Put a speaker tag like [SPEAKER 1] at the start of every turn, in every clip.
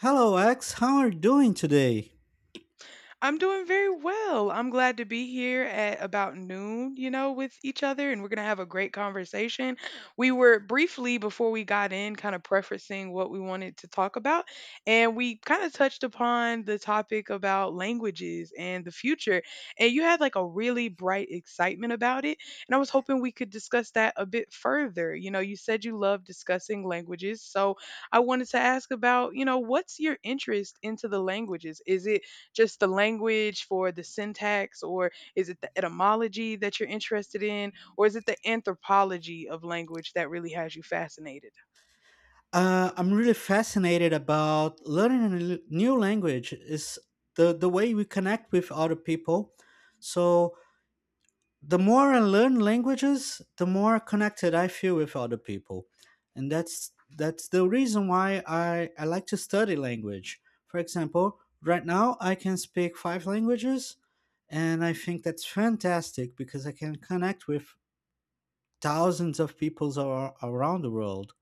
[SPEAKER 1] Hello, X. How are you doing today?
[SPEAKER 2] I'm doing very well. I'm glad to be here at about noon, with each other, and we're going to have a great conversation. We were briefly, before we got in, kind of prefacing what we wanted to talk about, and we kind of touched upon the topic about languages and the future. And you had like a really bright excitement about it. And I was hoping we could discuss that a bit further. You said you love discussing languages. So I wanted to ask about, what's your interest into the languages? Is it just the language for the syntax, or is it the etymology that you're interested in, or is it the anthropology of language that really has you fascinated?
[SPEAKER 1] I'm really fascinated about learning new language. Is the way we connect with other people. So the more I learn languages, the more connected I feel with other people, and that's the reason why I like to study language. For example, right now I can speak five languages, and I think that's fantastic because I can connect with thousands of people around the world.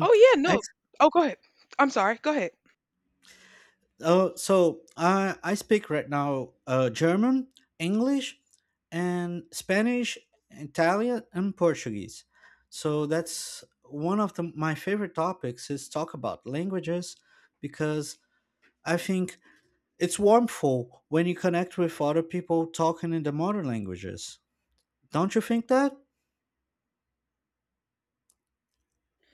[SPEAKER 2] Oh, yeah, no.
[SPEAKER 1] ex-
[SPEAKER 2] Oh, go ahead. I'm sorry. Go ahead.
[SPEAKER 1] so I speak right now German, English, and Spanish, Italian, and Portuguese. So that's one of my favorite topics is talk about languages because I think it's warmful when you connect with other people talking in the modern languages. Don't you think that,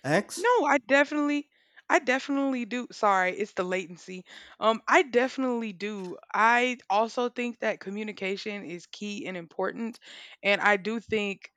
[SPEAKER 1] X?
[SPEAKER 2] No, I definitely do. Sorry, it's the latency. I definitely do. I also think that communication is key and important, and I do think,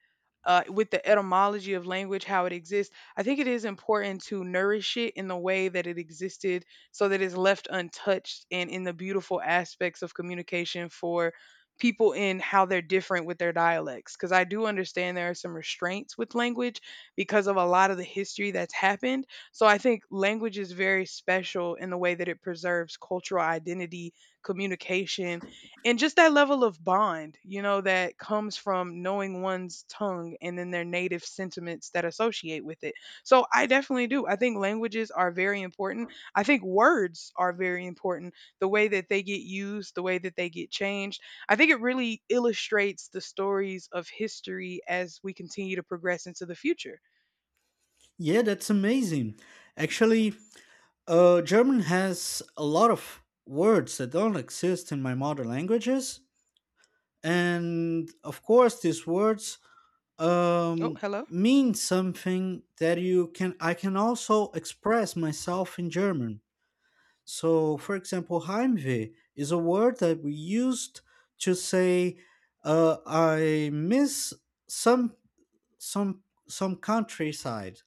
[SPEAKER 2] with the etymology of language, how it exists, I think it is important to nourish it in the way that it existed so that it's left untouched and in the beautiful aspects of communication for people in how they're different with their dialects. Because I do understand there are some restraints with language because of a lot of the history that's happened. So I think language is very special in the way that it preserves cultural identity, communication, and just that level of bond, that comes from knowing one's tongue and then their native sentiments that associate with it. So I definitely do. I think languages are very important. I think words are very important. The way that they get used, the way that they get changed. I think it really illustrates the stories of history as we continue to progress into the future.
[SPEAKER 1] Yeah, that's amazing. Actually, German has a lot of words that don't exist in my mother languages, and of course, these words
[SPEAKER 2] Oh,
[SPEAKER 1] um,
[SPEAKER 2] hello.
[SPEAKER 1] mean something that you can. I can also express myself in German. So, for example, Heimweh is a word that we used to say, "I miss some some some countryside."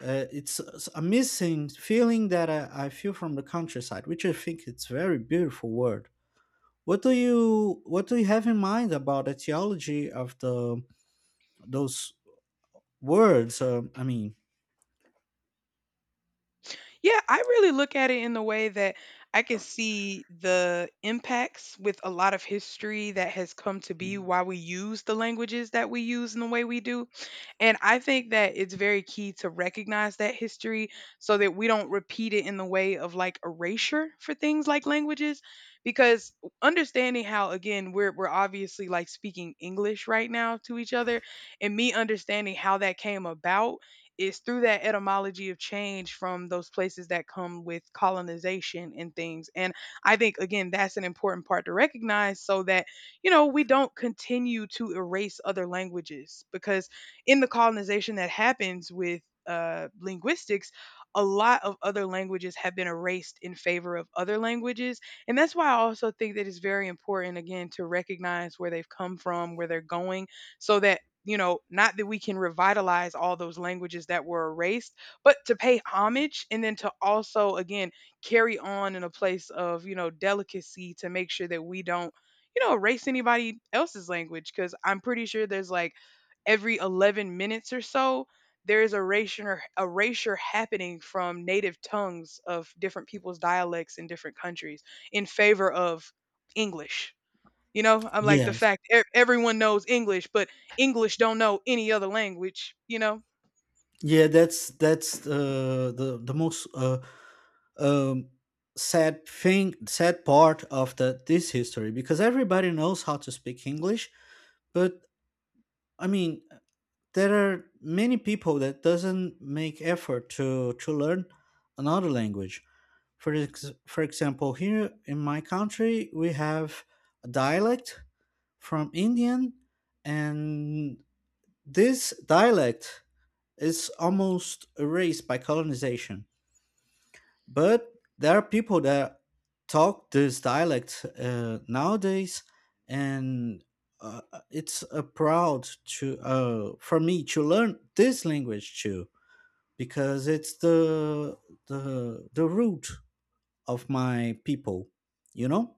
[SPEAKER 1] It's a missing feeling that I feel from the countryside, which I think it's very beautiful word. What do you have in mind about the theology of the those words? I mean,
[SPEAKER 2] Yeah, I really look at it in the way that I can see the impacts with a lot of history that has come to be why we use the languages that we use in the way we do. And I think that it's very key to recognize that history so that we don't repeat it in the way of like erasure for things like languages. Because understanding how, again, we're obviously like speaking English right now to each other, and me understanding how that came about is through that etymology of change from those places that come with colonization and things. And I think, again, that's an important part to recognize so that, we don't continue to erase other languages because in the colonization that happens with linguistics, a lot of other languages have been erased in favor of other languages. And that's why I also think that it's very important, again, to recognize where they've come from, where they're going, so that, not that we can revitalize all those languages that were erased, but to pay homage and then to also, again, carry on in a place of, delicacy to make sure that we don't, erase anybody else's language. Cause I'm pretty sure there's like every 11 minutes or so, there is erasure happening from native tongues of different people's dialects in different countries in favor of English. I'm like the
[SPEAKER 1] yes,
[SPEAKER 2] fact everyone knows English, but English don't know any other language.
[SPEAKER 1] yeah, that's the most um, sad thing, sad part of the this history because everybody knows how to speak English, but I mean, there are many people that doesn't make effort to learn another language for example, here in my country we have a dialect from indian, and this dialect is almost erased by colonization, but there are people that talk this dialect nowadays, and uh, it's a proud to for me to learn this language too, because it's the root of my people, you know.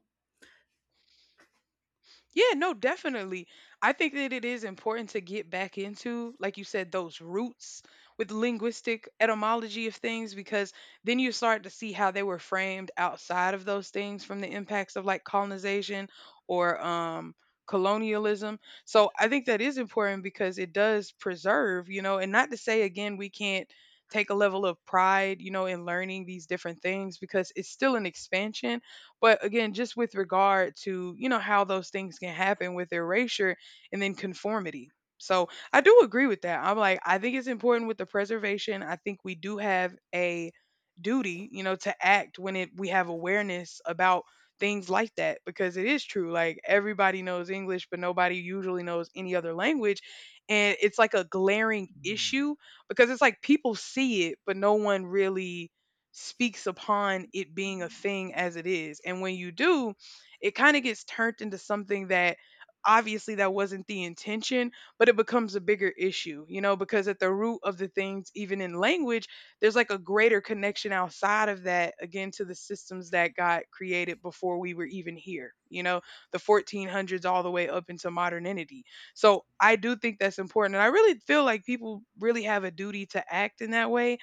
[SPEAKER 2] Yeah, no, definitely. I think that it is important to get back into, like you said, those roots with linguistic etymology of things, because then you start to see how they were framed outside of those things from the impacts of like colonization or colonialism. So I think that is important because it does preserve, and not to say again, we can't take a level of pride, in learning these different things because it's still an expansion, but again, just with regard to, how those things can happen with erasure and then conformity. So I do agree with that. I'm like, I think it's important with the preservation. I think we do have a duty, to act when it we have awareness about things like that because it is true, like everybody knows English but nobody usually knows any other language, and it's like a glaring issue because it's like people see it but no one really speaks upon it being a thing as it is. And when you do, it kind of gets turned into something that obviously that wasn't the intention, but it becomes a bigger issue, because at the root of the things, even in language, there's like a greater connection outside of that, again, to the systems that got created before we were even here, the 1400s all the way up into modernity. So I do think that's important. And I really feel like people really have a duty to act in that way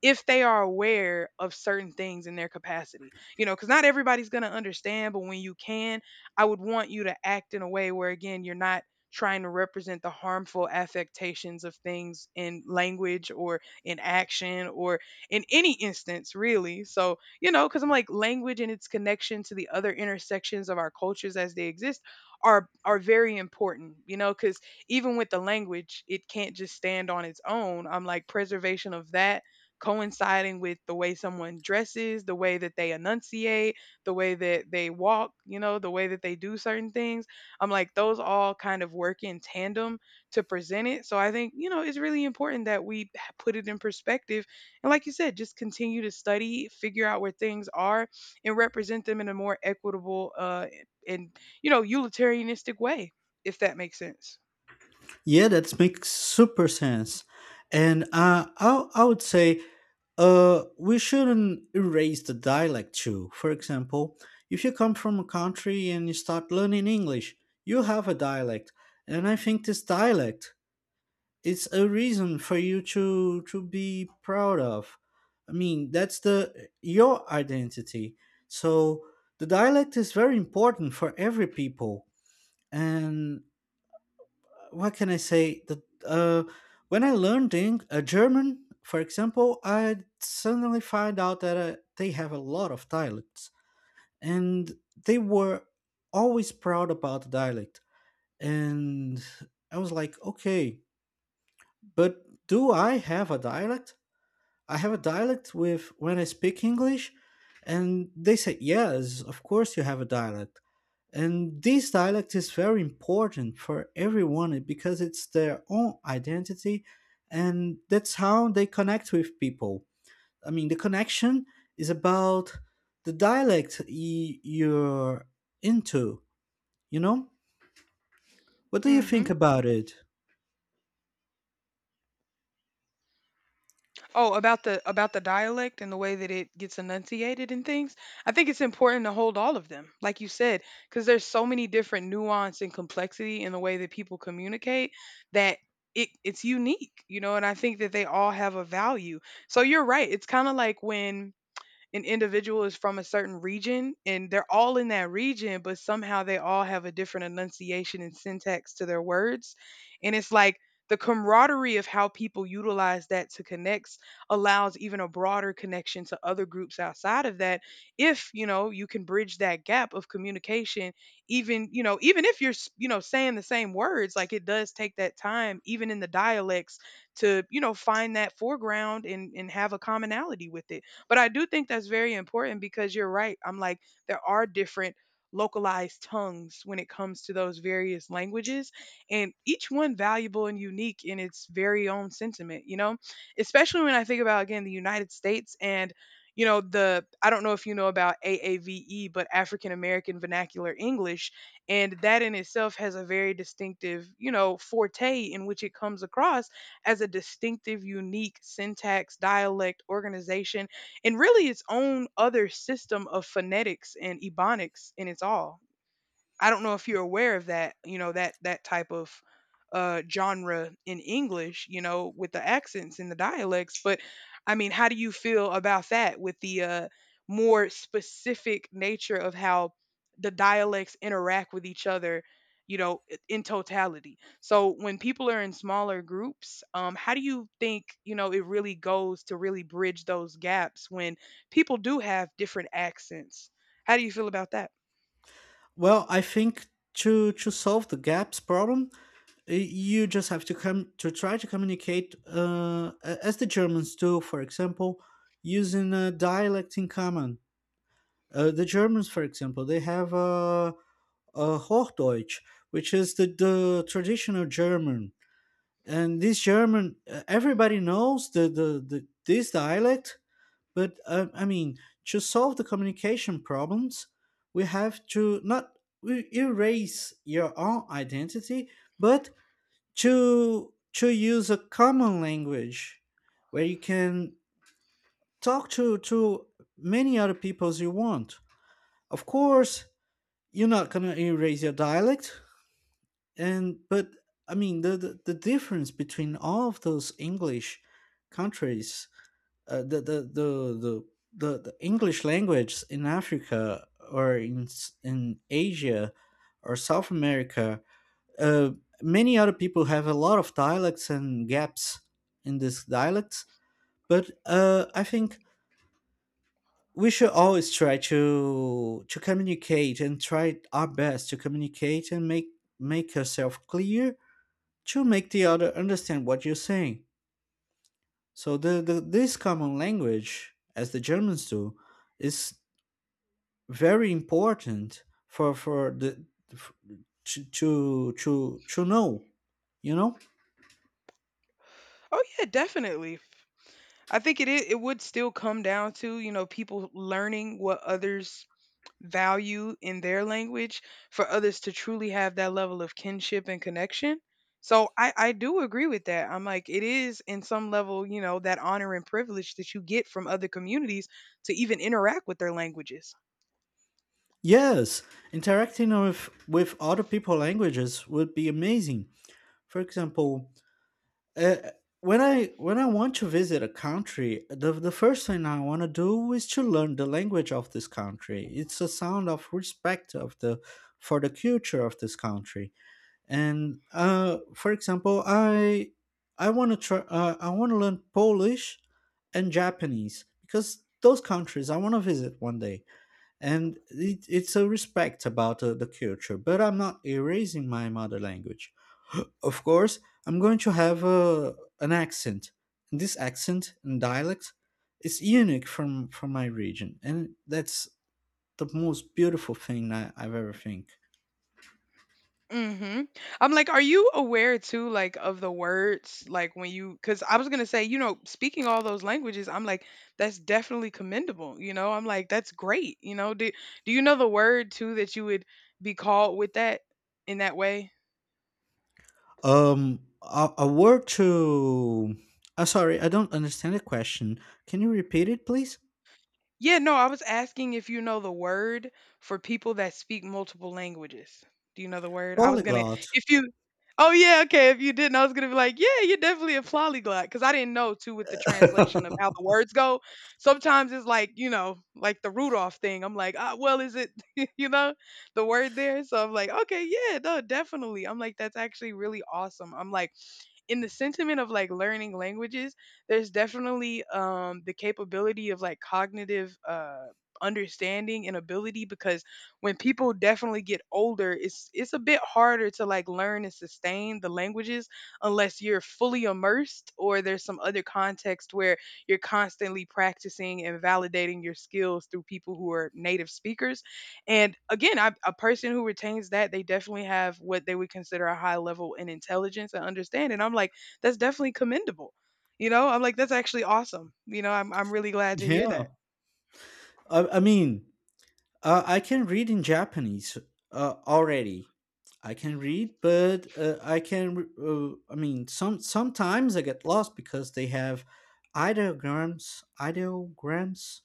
[SPEAKER 2] if they are aware of certain things in their capacity. Because not everybody's going to understand, but when you can, I would want you to act in a way where, again, you're not trying to represent the harmful affectations of things in language or in action or in any instance, really. So, because I'm like, language and its connection to the other intersections of our cultures as they exist are very important, because even with the language it can't just stand on its own. I'm like preservation of that coinciding with the way someone dresses, the way that they enunciate, the way that they walk, the way that they do certain things. I'm like, those all kind of work in tandem to present it. So I think, it's really important that we put it in perspective. And like you said, just continue to study, figure out where things are, and represent them in a more equitable and, utilitarianistic way, if that makes sense.
[SPEAKER 1] Yeah, that makes super sense, and I would say we shouldn't erase the dialect too. For example, if you come from a country and you start learning english, you have a dialect, and I think this dialect, it's a reason for you to be proud of. I mean, that's the your identity, so the dialect is very important for every people. And what can I say that when I learned in, german, for example, I suddenly find out that they have a lot of dialects, and they were always proud about the dialect. And I was like okay, but do I have a dialect? I have a dialect with when I speak English, and they say, Yes, of course you have a dialect. And this dialect is very important for everyone because it's their own identity, and that's how they connect with people. I mean, the connection is about the dialect you're into, you know? What do you
[SPEAKER 2] Hmm.
[SPEAKER 1] think about it?
[SPEAKER 2] Oh, about the dialect and the way that it gets enunciated and things. I think it's important to hold all of them, like you said, because there's so many different nuance and complexity in the way that people communicate that it's unique, and I think that they all have a value. So you're right. It's kind of like when an individual is from a certain region and they're all in that region, but somehow they all have a different enunciation and syntax to their words. And it's like the camaraderie of how people utilize that to connect allows even a broader connection to other groups outside of that. If, you can bridge that gap of communication, even if you're, saying the same words, like it does take that time, even in the dialects, to, find that foreground, and have a commonality with it. But I do think that's very important because you're right. I'm like, there are different localized tongues when it comes to those various languages, and each one valuable and unique in its very own sentiment, you know? Especially when I think about, again, the United States. And you know the I don't know if you know about AAVE, but African American Vernacular English, and that in itself has a very distinctive, forte in which it comes across as a distinctive, unique syntax dialect organization, and really its own other system of phonetics and ebonics in its all. I don't know if you're aware of that, that type of genre in English, with the accents and the dialects. But I mean, how do you feel about that with the more specific nature of how the dialects interact with each other, in totality? So when people are in smaller groups, how do you think, it really goes to really bridge those gaps when people do have different accents? How do you feel about that?
[SPEAKER 1] Well, I think to solve the gaps problem, you just have to come to try to communicate as the Germans do, for example, using a dialect in common. The Germans, for example, they have a Hochdeutsch, which is the traditional German. And this German, everybody knows the this dialect, but I mean, to solve the communication problems, we have to not we erase your own identity, but to use a common language where you can talk to many other peoples you want. Of course you're not going to erase your dialect. And but I mean the difference between all of those english countries, uh, the, the the the the english language in africa, or in in asia, or south america, uh, many other people have a lot of dialects and gaps in these dialects. But I think we should always try to communicate and try our best to communicate and make yourself clear to make the other understand what you're saying. So the this common language, as the Germans do, is very important for the f- to know, you know.
[SPEAKER 2] Oh yeah, definitely. I think it would still come down to, people learning what others value in their language for others to truly have that level of kinship and connection. So I do agree with that. I'm like it is in some level, that honor and privilege that you get from other communities to even interact with their languages.
[SPEAKER 1] Yes, interacting with other people languages would be amazing. For example, uh, when I want to visit a country, the first thing I want to do is to learn the language of this country. It's a sound of respect of the for the culture of this country. And for example, I want to try I want to learn Polish and Japanese, because those countries I want to visit one day, and it's a respect about the culture, but I'm not erasing my mother language. Of course I'm going to have an accent, and this accent and dialect is unique from my region, and that's the most beautiful thing I've ever think.
[SPEAKER 2] Mhm. I'm like, are you aware too, like, of the words, like when you? Because I was gonna say, speaking all those languages, I'm like, that's definitely commendable. I'm like, that's great. Do you know the word too that you would be called with that in that way?
[SPEAKER 1] A word to sorry, I don't understand the question. Can you repeat it please?
[SPEAKER 2] Yeah, no, I was asking if you know the word for people that speak multiple languages. Do you know the word? I was gonna,
[SPEAKER 1] Polyglot.
[SPEAKER 2] if you, oh yeah, okay. If you didn't, I was gonna be like, yeah, you're definitely a polyglot because I didn't know too with the translation of how the words go. Sometimes it's like you know, like the Rudolph thing. I'm like, ah, well, is it you know the word there? So I'm like, okay, yeah, no, definitely. I'm like, that's actually really awesome. I'm like in the sentiment of like learning languages, there's definitely the capability of like cognitive understanding and ability because when people definitely get older, it's a bit harder to like learn and sustain the languages unless you're fully immersed or there's some other context where you're constantly practicing and validating your skills through people who are native speakers and again, I, a person who retains that, they definitely have what they would consider a high level in intelligence and understanding. I'm like, that's definitely commendable. You know, I'm like, that's actually awesome. You know, I'm really glad to hear
[SPEAKER 1] Yeah,
[SPEAKER 2] that.
[SPEAKER 1] I mean I can read in Japanese already. I can read, but I can. I mean, sometimes I get lost because they have ideograms, ideograms,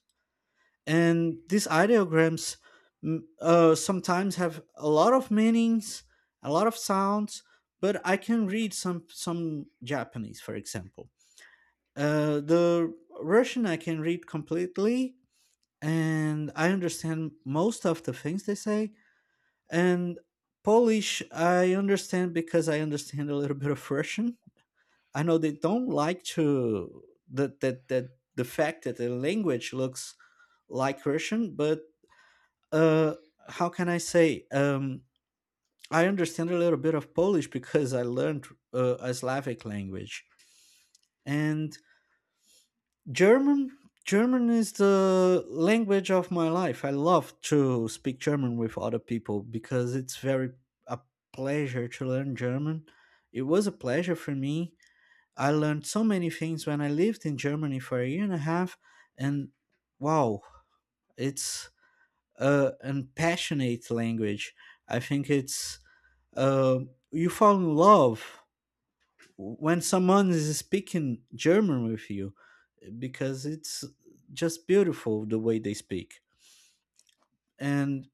[SPEAKER 1] and these ideograms sometimes have a lot of meanings, a lot of sounds. But I can read some Japanese, for example. The Russian I can read completely, and I understand most of the things they say. And Polish, I understand because I understand a little bit of Russian. I know they don't like to that that that the fact that the language looks like Russian, but uh, how can I say? I understand a little bit of Polish because I learned a Slavic language. And German German is the language of my life. I love to speak German with other people because it's very a pleasure to learn German. It was a pleasure for me. I learned so many things when I lived in Germany for a year and a half, and wow, it's a an passionate language. I think it's uh, you fall in love when someone is speaking German with you because it's just beautiful the way they speak. And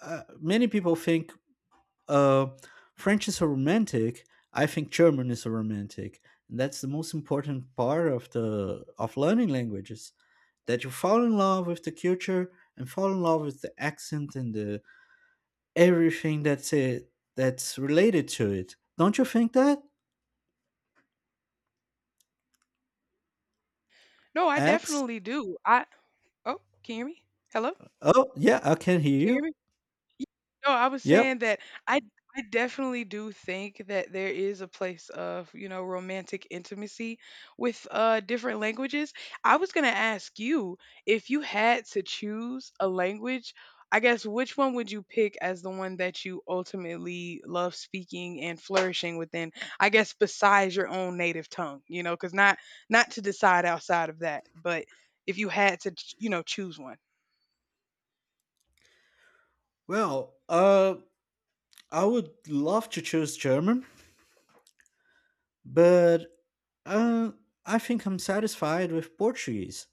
[SPEAKER 1] many people think uh, French is so romantic. I think German is so romantic. And that's the most important part of the of learning languages, that you fall in love with the culture and fall in love with the accent and the everything that's it that's related to it. Don't you think that?
[SPEAKER 2] No, I
[SPEAKER 1] X?
[SPEAKER 2] definitely do. I oh, can you hear me? Hello? Can
[SPEAKER 1] Oh yeah, I can hear
[SPEAKER 2] you hear
[SPEAKER 1] you.
[SPEAKER 2] me? Y no, I was
[SPEAKER 1] Yep.
[SPEAKER 2] saying that I I definitely do think that there is a place of, you know, romantic intimacy with different languages. I was gonna ask you if you had to choose a language, I guess which one would you pick as the one that you ultimately love speaking and flourishing within? I guess besides your own native tongue, you know, because not not to decide outside of that, but if you had to, you know, choose one.
[SPEAKER 1] Well, I would love to choose German, but uh, I think I'm satisfied with Portuguese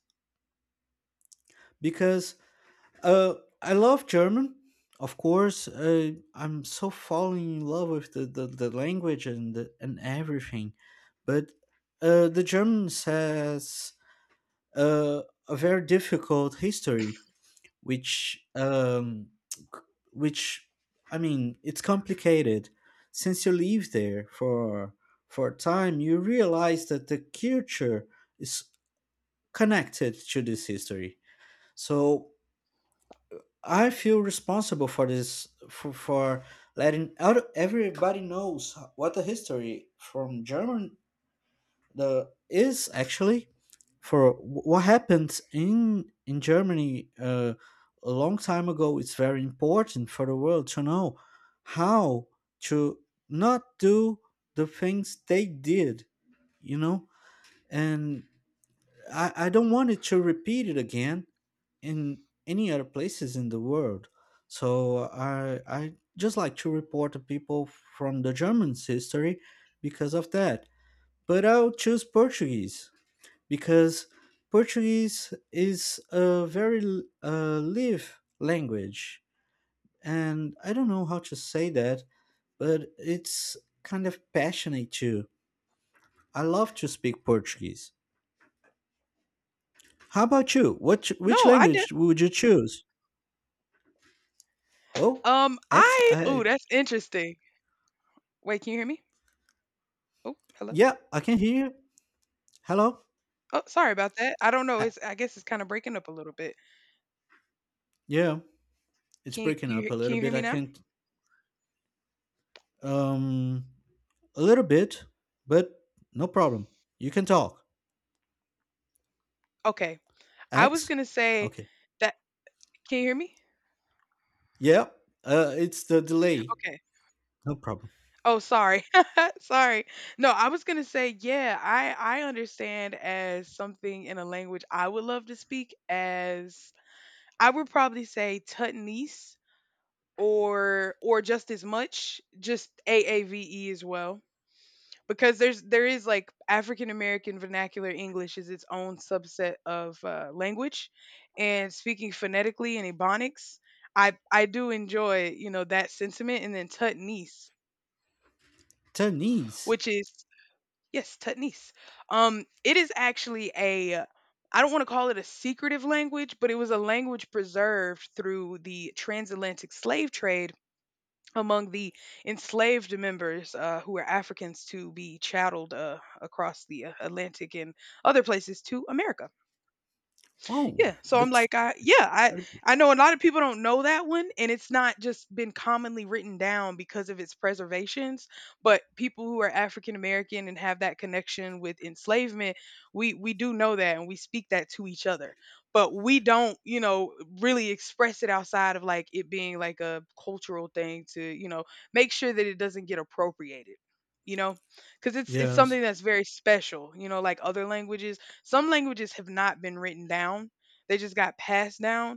[SPEAKER 1] because uh, I love German, of course. I'm so falling in love with the language and the, and everything, but the German has uh, a very difficult history, which um, which I mean it's complicated. Since you live there for a time, you realize that the culture is connected to this history. So I feel responsible for this for letting out everybody knows what the history from German the is actually for what happened in Germany a long time ago. It's very important for the world to know how to not do the things they did, you know. And I don't want it to repeat it again in any other places in the world. So I just like to report the people from the German's history because of that. But I'll choose Portuguese because Portuguese is a very live language, and I don't know how to say that, but it's kind of passionate too. I love to speak Portuguese. How about you? What
[SPEAKER 2] No,
[SPEAKER 1] which
[SPEAKER 2] I did.
[SPEAKER 1] language would you choose? Oh, ex-
[SPEAKER 2] I. Ooh,
[SPEAKER 1] I,
[SPEAKER 2] that's interesting. Wait, can you hear me? Oh, hello.
[SPEAKER 1] yeah, I can hear you. Hello?
[SPEAKER 2] Oh, sorry about that. I don't know.
[SPEAKER 1] Uh,
[SPEAKER 2] It's. I guess it's kind of breaking up a little bit.
[SPEAKER 1] yeah, it's
[SPEAKER 2] Can you,
[SPEAKER 1] breaking
[SPEAKER 2] you
[SPEAKER 1] up a
[SPEAKER 2] can
[SPEAKER 1] little
[SPEAKER 2] you hear
[SPEAKER 1] bit.
[SPEAKER 2] me
[SPEAKER 1] I
[SPEAKER 2] now?
[SPEAKER 1] can't. Um, a little bit, but no problem. You can talk.
[SPEAKER 2] Okay. I was
[SPEAKER 1] X?
[SPEAKER 2] gonna say
[SPEAKER 1] Okay.
[SPEAKER 2] that. Can you hear me?
[SPEAKER 1] Yeah, it's the delay.
[SPEAKER 2] Okay.
[SPEAKER 1] No problem.
[SPEAKER 2] Oh, sorry. sorry. No, I was gonna say yeah. I understand as something in a language I would love to speak as I would probably say Tutnese. Or just as much just AAVE as well because there's there is like African American vernacular English is its own subset of language and speaking phonetically and ebonics I do enjoy you know that sentiment and then Tutnese
[SPEAKER 1] Chinese.
[SPEAKER 2] which is yes Tutnese it is actually a I don't want to call it a secretive language, but it was a language preserved through the transatlantic slave trade among the enslaved members who were Africans to be chatteled across the Atlantic and other places to America.
[SPEAKER 1] Oh,
[SPEAKER 2] Yeah. So I'm
[SPEAKER 1] that's.
[SPEAKER 2] like, I yeah,
[SPEAKER 1] Very good.
[SPEAKER 2] I know a lot of people don't know that one, and it's not just been commonly written down because of its preservations. But people who are African American and have that connection with enslavement, we do know that, and we speak that to each other. But we don't, you know, really express it outside of like it being like a cultural thing to, you know, make sure that it doesn't get appropriated. You know, because it's something
[SPEAKER 1] Yes.
[SPEAKER 2] that's very special. You know, like other languages, some languages have not been written down they just got passed down.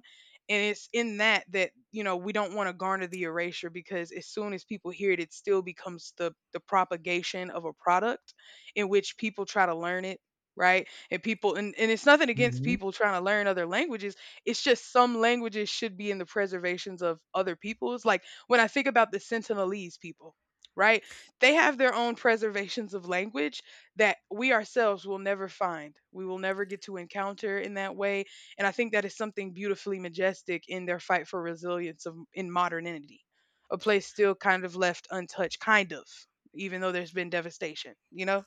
[SPEAKER 2] And it's in that that, you know, we don't want to garner the erasure because as soon as people hear it, it still becomes the propagation of a product in which people try to learn it. Right. And people, and it's nothing against
[SPEAKER 1] Hmm.
[SPEAKER 2] people trying to learn other languages. It's just some languages should be in the preservations of other peoples. Like when I think about the Sentinelese people, right? They have their own preservations of language that we ourselves will never find. We will never get to encounter in that way. And I think that is something beautifully majestic in their fight for resilience of, in modernity, a place still kind of left untouched, kind of, even though there's been devastation, you know?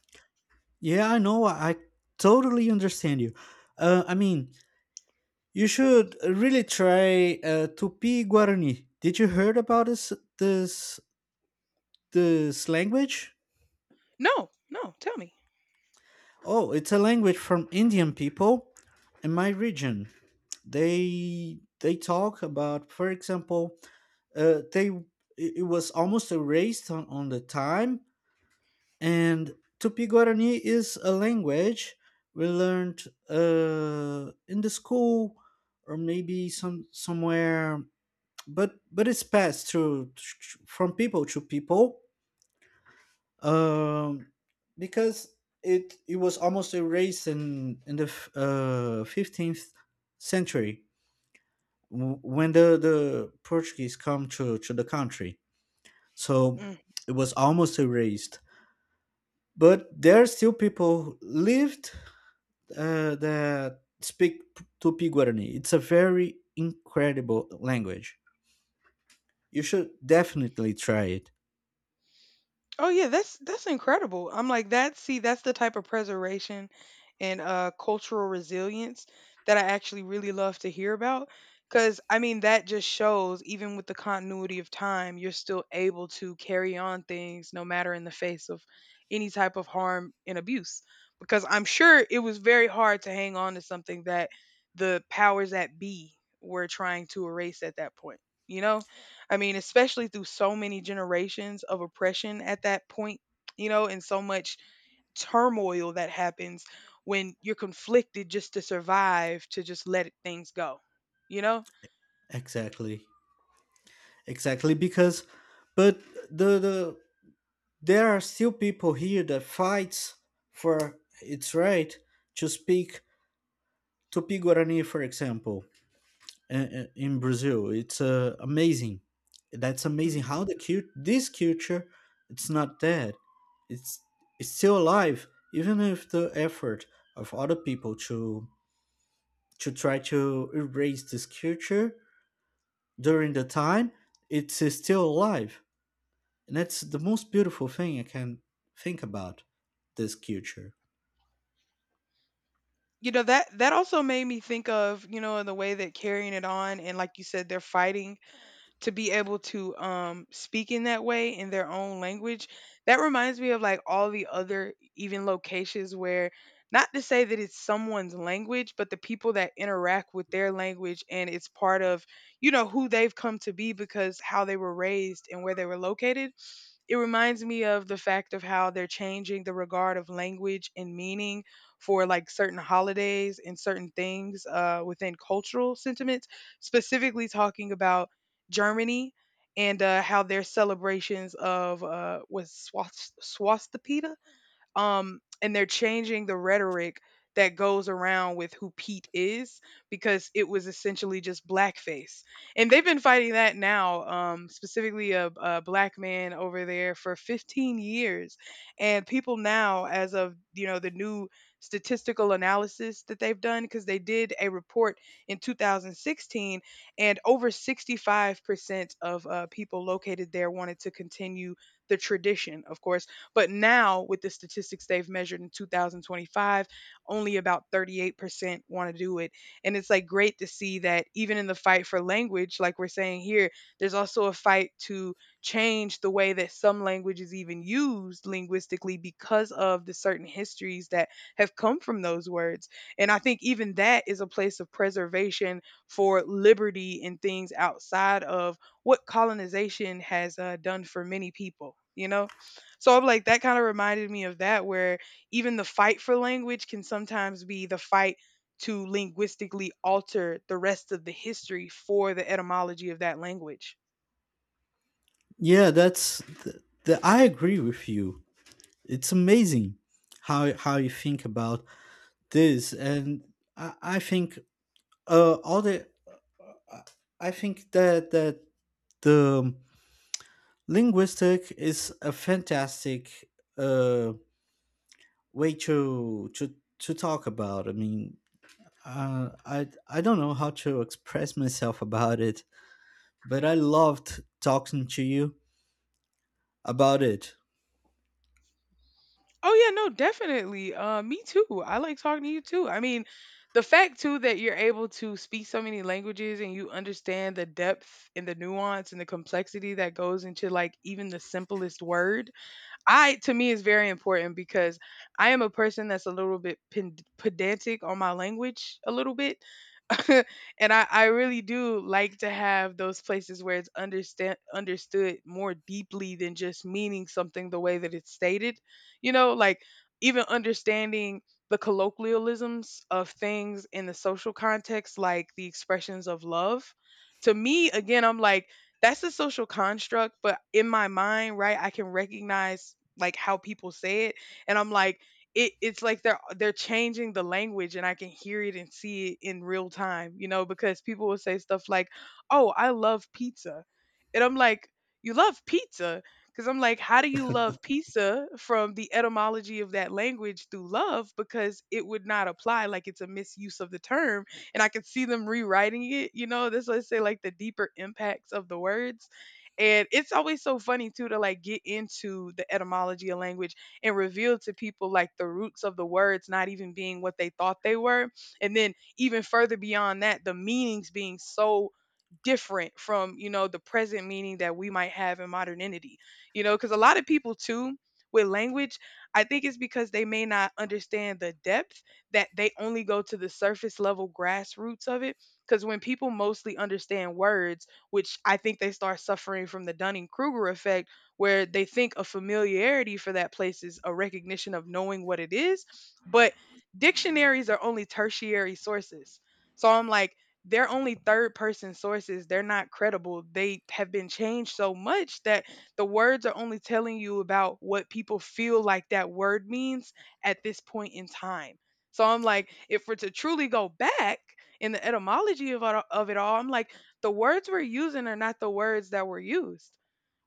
[SPEAKER 1] Yeah, I know. I totally understand you. I mean, you should really try Tupi Guarani. Did you heard about this this language?
[SPEAKER 2] No, no, tell me.
[SPEAKER 1] Oh, it's a language from Indian people in my region. They talk about, for example, they it it was almost erased on the time, and Tupi Guarani is a language we learned in the school, or maybe somewhere, but it's passed through from people to people, um, because it was almost erased in the 15th century when the Portuguese come to the country. So it was almost erased. But there are still people who lived that speak Tupi Guarani. It's a very incredible language. You should definitely try it.
[SPEAKER 2] Oh yeah, that's incredible. I'm like that. See, that's the type of preservation and cultural resilience that I actually really love to hear about. Because I mean, that just shows even with the continuity of time, you're still able to carry on things no matter in the face of any type of harm and abuse. Because I'm sure it was very hard to hang on to something that the powers that be were trying to erase at that point. You know. I mean, especially through so many generations of oppression at that point, you know, and so much turmoil that happens when you're conflicted just to survive, to just let things go, you know?
[SPEAKER 1] Exactly, exactly because, but the the there are still people here that fights for its right to speak Tupi Guarani, for example, in Brazil. It's amazing. That's
[SPEAKER 2] Hmm.
[SPEAKER 1] amazing how the cute this culture, it's not dead. It's it's still alive, even if the effort of other people to try to erase this culture during the time, it's still alive, and that's the most beautiful thing I can think about this culture.
[SPEAKER 2] You know, that, that also made me think of, you know, in the way that carrying it on and like you said, they're fighting to be able to speak in that way in their own language that reminds me of like all the other even locations where not to say that it's someone's language but the people that interact with their language and it's part of you know who they've come to be because how they were raised and where they were located it reminds me of the fact of how they're changing the regard of language and meaning for like certain holidays and certain things within cultural sentiments, specifically talking about Germany and how their celebrations of swastika and they're changing the rhetoric that goes around with who Pete is because it was essentially just blackface, and they've been fighting that now, specifically a black man over there for 15 years, and people now, as of you know, the new statistical analysis that they've done because they did a report in 2016 and over 65% of people located there wanted to continue the tradition of course but now, with the statistics they've measured in 2025, only about 38% want to do it. And it's like great to see that even in the fight for language, like we're saying here, there's also a fight to change the way that some language is even used linguistically because of the certain histories that have come from those words. And I think even that is a place of preservation for liberty and things outside of what colonization has done for many people, you know? So I'm like, that kind of reminded me of that, where even the fight for language can sometimes be the fight to linguistically alter the rest of the history for the etymology of that language.
[SPEAKER 1] Yeah, that's the I agree with you. It's amazing how you think about this, and I think all the I I think that the linguistic is a fantastic uh, way to talk about. I mean, I don't know how to express myself about it, but I loved talking to you about it.
[SPEAKER 2] Oh yeah, no, definitely. Me too. I like talking to you too. I mean, the fact too that you're able to speak so many languages and you understand the depth and the nuance and the complexity that goes into like even the simplest word I to me is very important because I am a person that's a little bit pedantic on my language a little bit. and I really do like to have those places where it's understand understood more deeply than just meaning something the way that it's stated. You know, like even understanding the colloquialisms of things in the social context, like the expressions of love. To me, again, I'm like, that's a social construct, but in my mind, right, I can recognize like how people say it and I'm like it's like they're changing the language and I can hear it and see it in real time, you know, because people will say stuff like, "Oh, I love pizza." And I'm like, "You love pizza?" Cuz I'm like, "How do you love pizza from the etymology of that language through love because it would not apply like it's a misuse of the term." And I can see them rewriting it, you know, this let's say like the deeper impacts of the words and it's always so funny too to like get into the etymology of language and reveal to people like the roots of the words not even being what they thought they were. And then even further beyond that, the meanings being so different from, you know, the present meaning that we might have in modernity. You know, because a lot of people too with language, I think it's because they may not understand the depth that they only go to the surface level grassroots of it. Because when people mostly understand words, which I think they start suffering from the Dunning Kruger effect, where they think a familiarity for that place is a recognition of knowing what it is. But dictionaries are only tertiary sources. So I'm like, they're only third person sources. They're not credible. They have been changed so much that the words are only telling you about what people feel like that word means at this point in time. So I'm like, if we're to truly go back in the etymology of, of it all, I'm like, the words we're using are not the words that were used.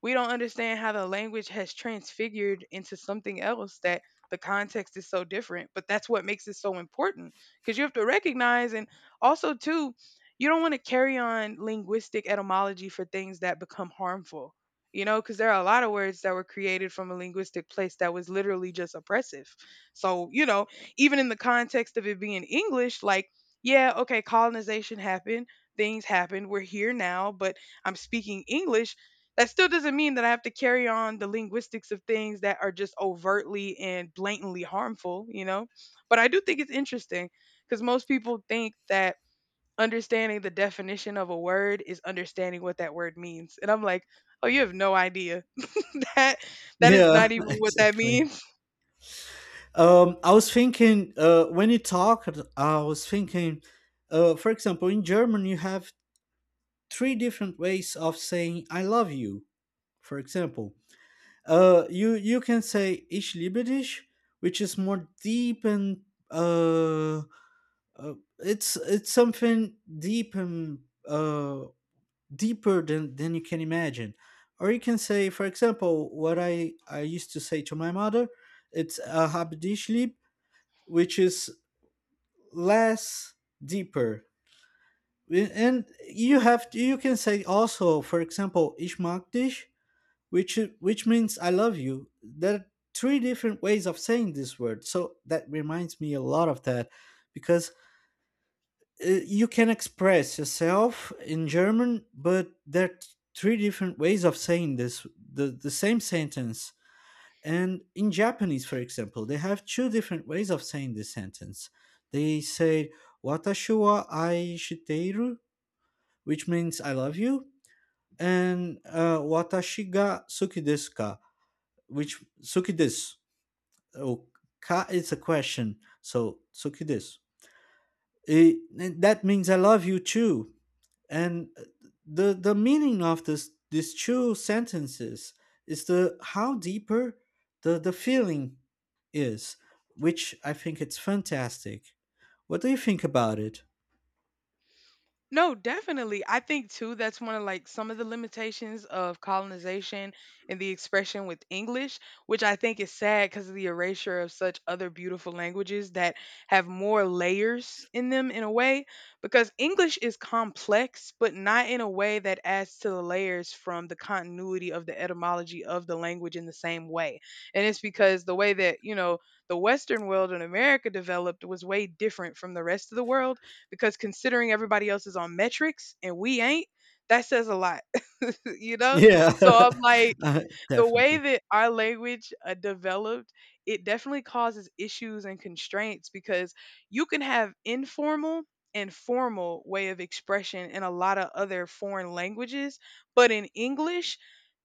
[SPEAKER 2] We don't understand how the language has transfigured into something else that the context is so different, but that's what makes it so important because you have to recognize and also too, you don't want to carry on linguistic etymology for things that become harmful. You know, because there are a lot of words that were created from a linguistic place that was literally just oppressive. So, you know, even in the context of it being English, like, yeah, okay, colonization happened, things happened, we're here now, but I'm speaking English. That still doesn't mean that I have to carry on the linguistics of things that are just overtly and blatantly harmful, you know? But I do think it's interesting because most people think that understanding the definition of a word is understanding what that word means. And I'm like, oh, you have no idea. that that is
[SPEAKER 1] Yeah,
[SPEAKER 2] not even what that
[SPEAKER 1] exactly.
[SPEAKER 2] means.
[SPEAKER 1] I was thinking when you talked, I was thinking, for example, in German, you have three different ways of saying "I love you." For example, you can say "Ich liebe dich," which is more deep and uh, uh, it's something deep and uh, deeper than you can imagine. Or you can say, for example, what I used to say to my mother, it's "Hab dich lieb," which is less deeper, and you can say also, for example, ich mag dich, which means I love you. There are three different ways of saying this word, so that reminds me a lot of that because you can express yourself in german, but there are three different ways of saying this, the same sentence. And in Japanese, for example, they have two different ways of saying this sentence. They say "watashi wa ai shiteiru," which means "I love you," and "watashi ga suki desu ka," which "suki desu." Oh, ka is a question, so "suki desu." It- that means "I love you too," and the meaning of this these two sentences is the how deeper the feeling is, which I think it's fantastic. What do you think about it?
[SPEAKER 2] No, definitely. I think too that's one of like some of the limitations of colonization and the expression with English, which I think is sad because of the erasure of such other beautiful languages that have more layers in them in a way because English is complex but not in a way that adds to the layers from the continuity of the etymology of the language in the same way. And it's because the way that, you know, the western world in America developed was way different from the rest of the world because considering everybody else is on metrics and we ain't, that says a lot, you know?
[SPEAKER 1] Yeah.
[SPEAKER 2] So I'm like,
[SPEAKER 1] uh,
[SPEAKER 2] the way
[SPEAKER 1] definitely.
[SPEAKER 2] that our language developed, it definitely causes issues and constraints because you can have informal and formal way of expression in a lot of other foreign languages, but in English,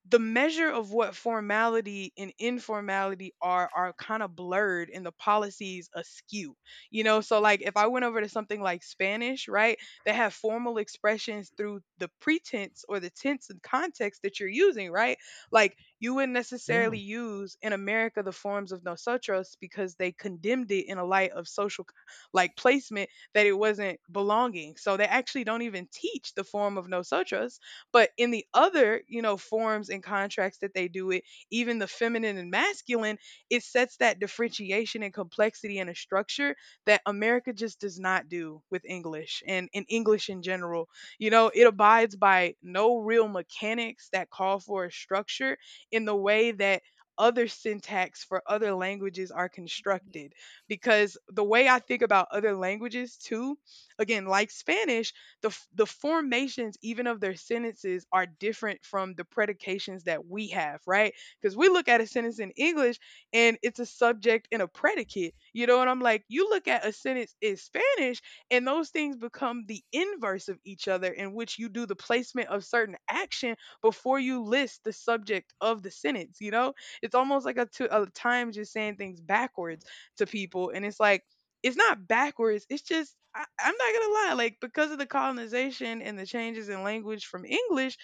[SPEAKER 2] the measure of what formality and informality are kind of blurred and the policies askew, you know? So like if I went over to something like Spanish, right, they have formal expressions through the pretense or the tense and context that you're using, right? Like you wouldn't
[SPEAKER 1] Yeah.
[SPEAKER 2] necessarily use in America the forms of nosotros because they condemned it in a light of social like placement, that it wasn't belonging, so they actually don't even teach the form of nosotros. But in the other, you know, forms and contracts that they do it, even the feminine and masculine, it sets that differentiation and complexity in a structure that America just does not do with English and in English in general. You know, it abides by no real mechanics that call for a structure in the way that other syntax for other languages are constructed, because the way I think about other languages too, again, like Spanish, the formations even of their sentences are different from the predications that we have, right? Because we look at a sentence in English and it's a subject and a predicate, you know. And I'm like, you look at a sentence in Spanish, and those things become the inverse of each other, in which you do the placement of certain action before you list the subject of the sentence. You know, it's almost like a time just saying things backwards to people, and it's like it's not backwards. It's just I'm not gonna lie, like because of the colonization and the changes in language from English,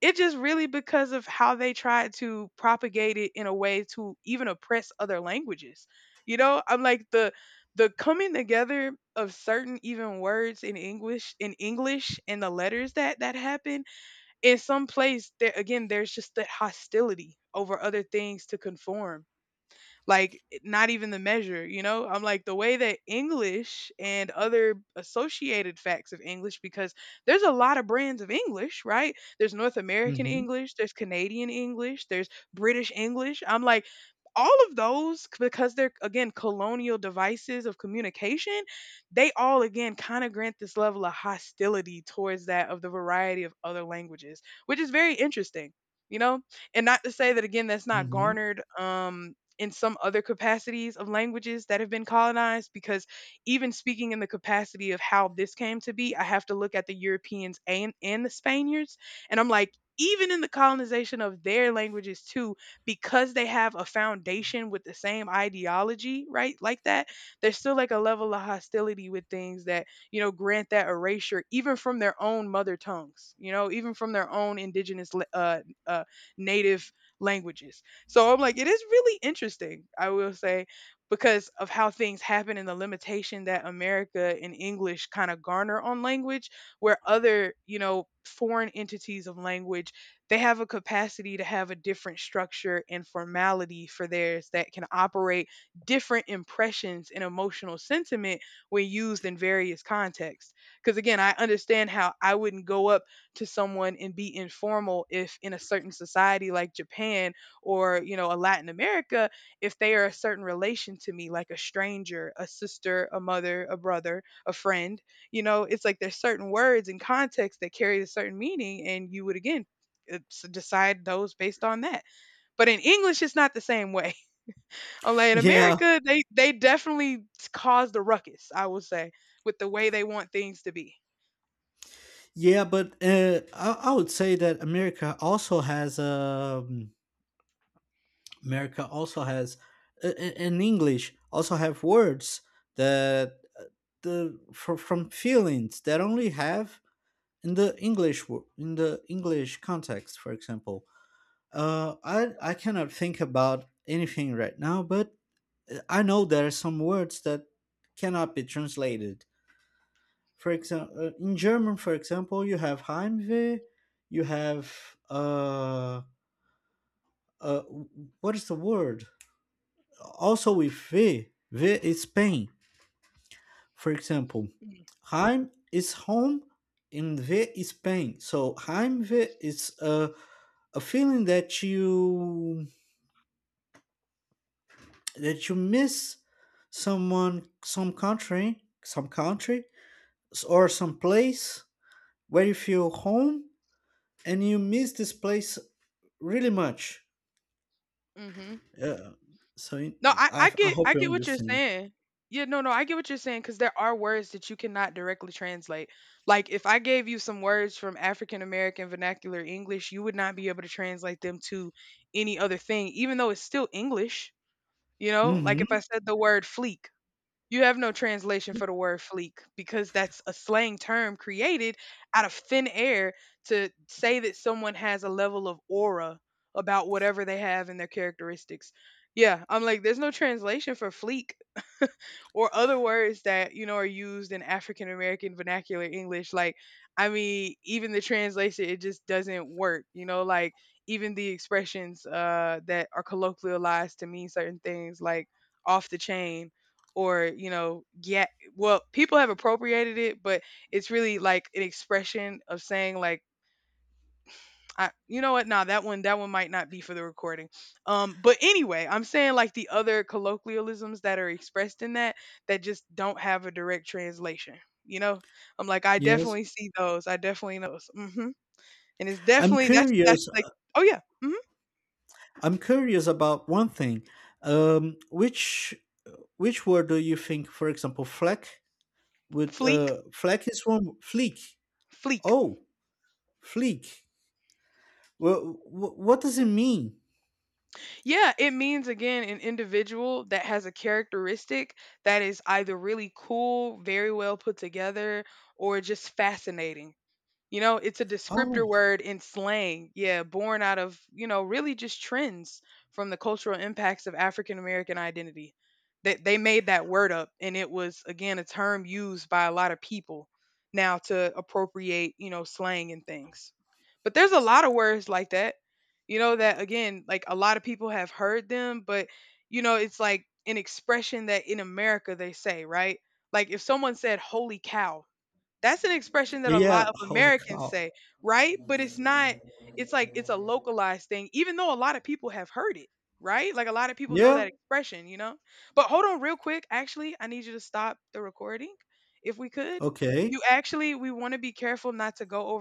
[SPEAKER 2] it just really because of how they tried to propagate it in a way to even oppress other languages. You know, I'm like the coming together of certain even words in English and the letters that happen in some place there, again, there's just that hostility over other things to conform, like not even the measure, you know? I'm like the way that English and other associated facts of English, because there's a lot of brands of English, right? There's North American
[SPEAKER 1] Hmm.
[SPEAKER 2] English, there's Canadian English, there's British English. I'm like all of because they're again colonial devices of communication, they all again kind of grant this level of hostility towards that of the variety of other languages, which is very interesting, you know? And not to say that again that's not
[SPEAKER 1] Hmm.
[SPEAKER 2] garnered in some other capacities of languages that have been colonized, because even speaking in the capacity of how this came to be, I have to look at the Europeans and, the Spaniards. And I'm like, even in the colonization of their languages too, because they have a foundation with the same ideology, right? Like that, there's still like a level of hostility with things that, you know, grant that erasure, even from their own mother tongues, you know, even from their own indigenous, uh, native languages. So I'm like, it is really interesting, I will say, because of how things happen and the limitation that America and English kind of garner on language, where other, you know, foreign entities of language, they have a capacity to have a different structure and formality for theirs that can operate different impressions and emotional sentiment when used in various contexts. Because again, I understand how I wouldn't go up to someone and be informal if in a certain society like Japan, or you know a Latin America, if they are a certain relation to me like a stranger, a sister, a mother, a brother, a friend, you know? It's like there's certain words and context that carry a certain meaning and you would again decide those based on that. But in English it's not the same way. Unlike in
[SPEAKER 1] Yeah.
[SPEAKER 2] America, they definitely caused the ruckus, I will say, with the way they want things to be.
[SPEAKER 1] Yeah, but I would say that america also has in english also have words that from feelings that only have in the in the English context, for example. I cannot think about anything right now, but I know there are some words that cannot be translated. For example, in German, for example, you have Heimweh, you have uh, uh, w- what is the word? Also with V, V is pain. For example,
[SPEAKER 2] Mm,
[SPEAKER 1] Heim is home and ve is pain. So Heimweh is a feeling that you miss someone, some country, or some place where you feel home, and you miss this place really much.
[SPEAKER 2] mm-hmm.
[SPEAKER 1] Uh, so
[SPEAKER 2] No, I
[SPEAKER 1] I
[SPEAKER 2] get,
[SPEAKER 1] hope
[SPEAKER 2] I
[SPEAKER 1] you
[SPEAKER 2] get what you're
[SPEAKER 1] understand.
[SPEAKER 2] saying. Yeah, no, no, I get what you're saying because there are words that you cannot directly translate. Like if I gave you some words from African American vernacular English, you would not be able to translate them to any other thing, even though it's still English. You know, like if I
[SPEAKER 1] Hmm.
[SPEAKER 2] said the word fleek, you have no translation for the word fleek because that's a slang term created out of thin air to say that someone has a level of aura about whatever they have in their characteristics. Yeah, I'm like, there's no translation for fleek. Or other words that, you know, are used in African American vernacular English. Like, I mean, even the translation, it just doesn't work, you know, like even the expressions that are colloquialized to mean certain things, like off the chain or, you know. Yeah, well, people have appropriated it, but it's really like an expression of saying like I, you know what, nah, that one might not be for the recording. But anyway, I'm saying like the other colloquialisms that are expressed in that that just don't have a direct translation, you know? I'm like, I
[SPEAKER 1] Yes,
[SPEAKER 2] definitely see those, I definitely know those. Hmm. And it's
[SPEAKER 1] I'm
[SPEAKER 2] definitely, that's
[SPEAKER 1] curious.
[SPEAKER 2] like oh yeah. Hmm.
[SPEAKER 1] I'm curious about one thing. Um, which which word do you think, for example, fleck would,
[SPEAKER 2] Fleek.
[SPEAKER 1] fleck is one fleek.
[SPEAKER 2] Fleek.
[SPEAKER 1] Oh, fleek. Well, what does it mean?
[SPEAKER 2] Yeah, it means again an individual that has a characteristic that is either really cool, very well put together, or just fascinating. You know, it's a descriptor
[SPEAKER 1] Oh,
[SPEAKER 2] word in slang, yeah, born out of, you know, really just trends from the cultural impacts of African American identity. They made that word up, and it was, again, a term used by a lot of people now to appropriate, you know, slang and things. But there's a lot of words like that, you know, that, again, like a lot of people have heard them, but, you know, it's like an expression that in America they say, right? Like if someone said, holy cow, that's an expression that a lot
[SPEAKER 1] yeah.
[SPEAKER 2] of
[SPEAKER 1] Holy
[SPEAKER 2] Americans
[SPEAKER 1] cow.
[SPEAKER 2] say, right? But it's not, it's like it's a localized thing even though a lot of people have heard it, right? Like a lot of people know
[SPEAKER 1] Yeah.
[SPEAKER 2] that expression, you know? But hold on real quick, actually, I need you to stop the recording if we could.
[SPEAKER 1] Okay.
[SPEAKER 2] You actually we want to be careful not to go over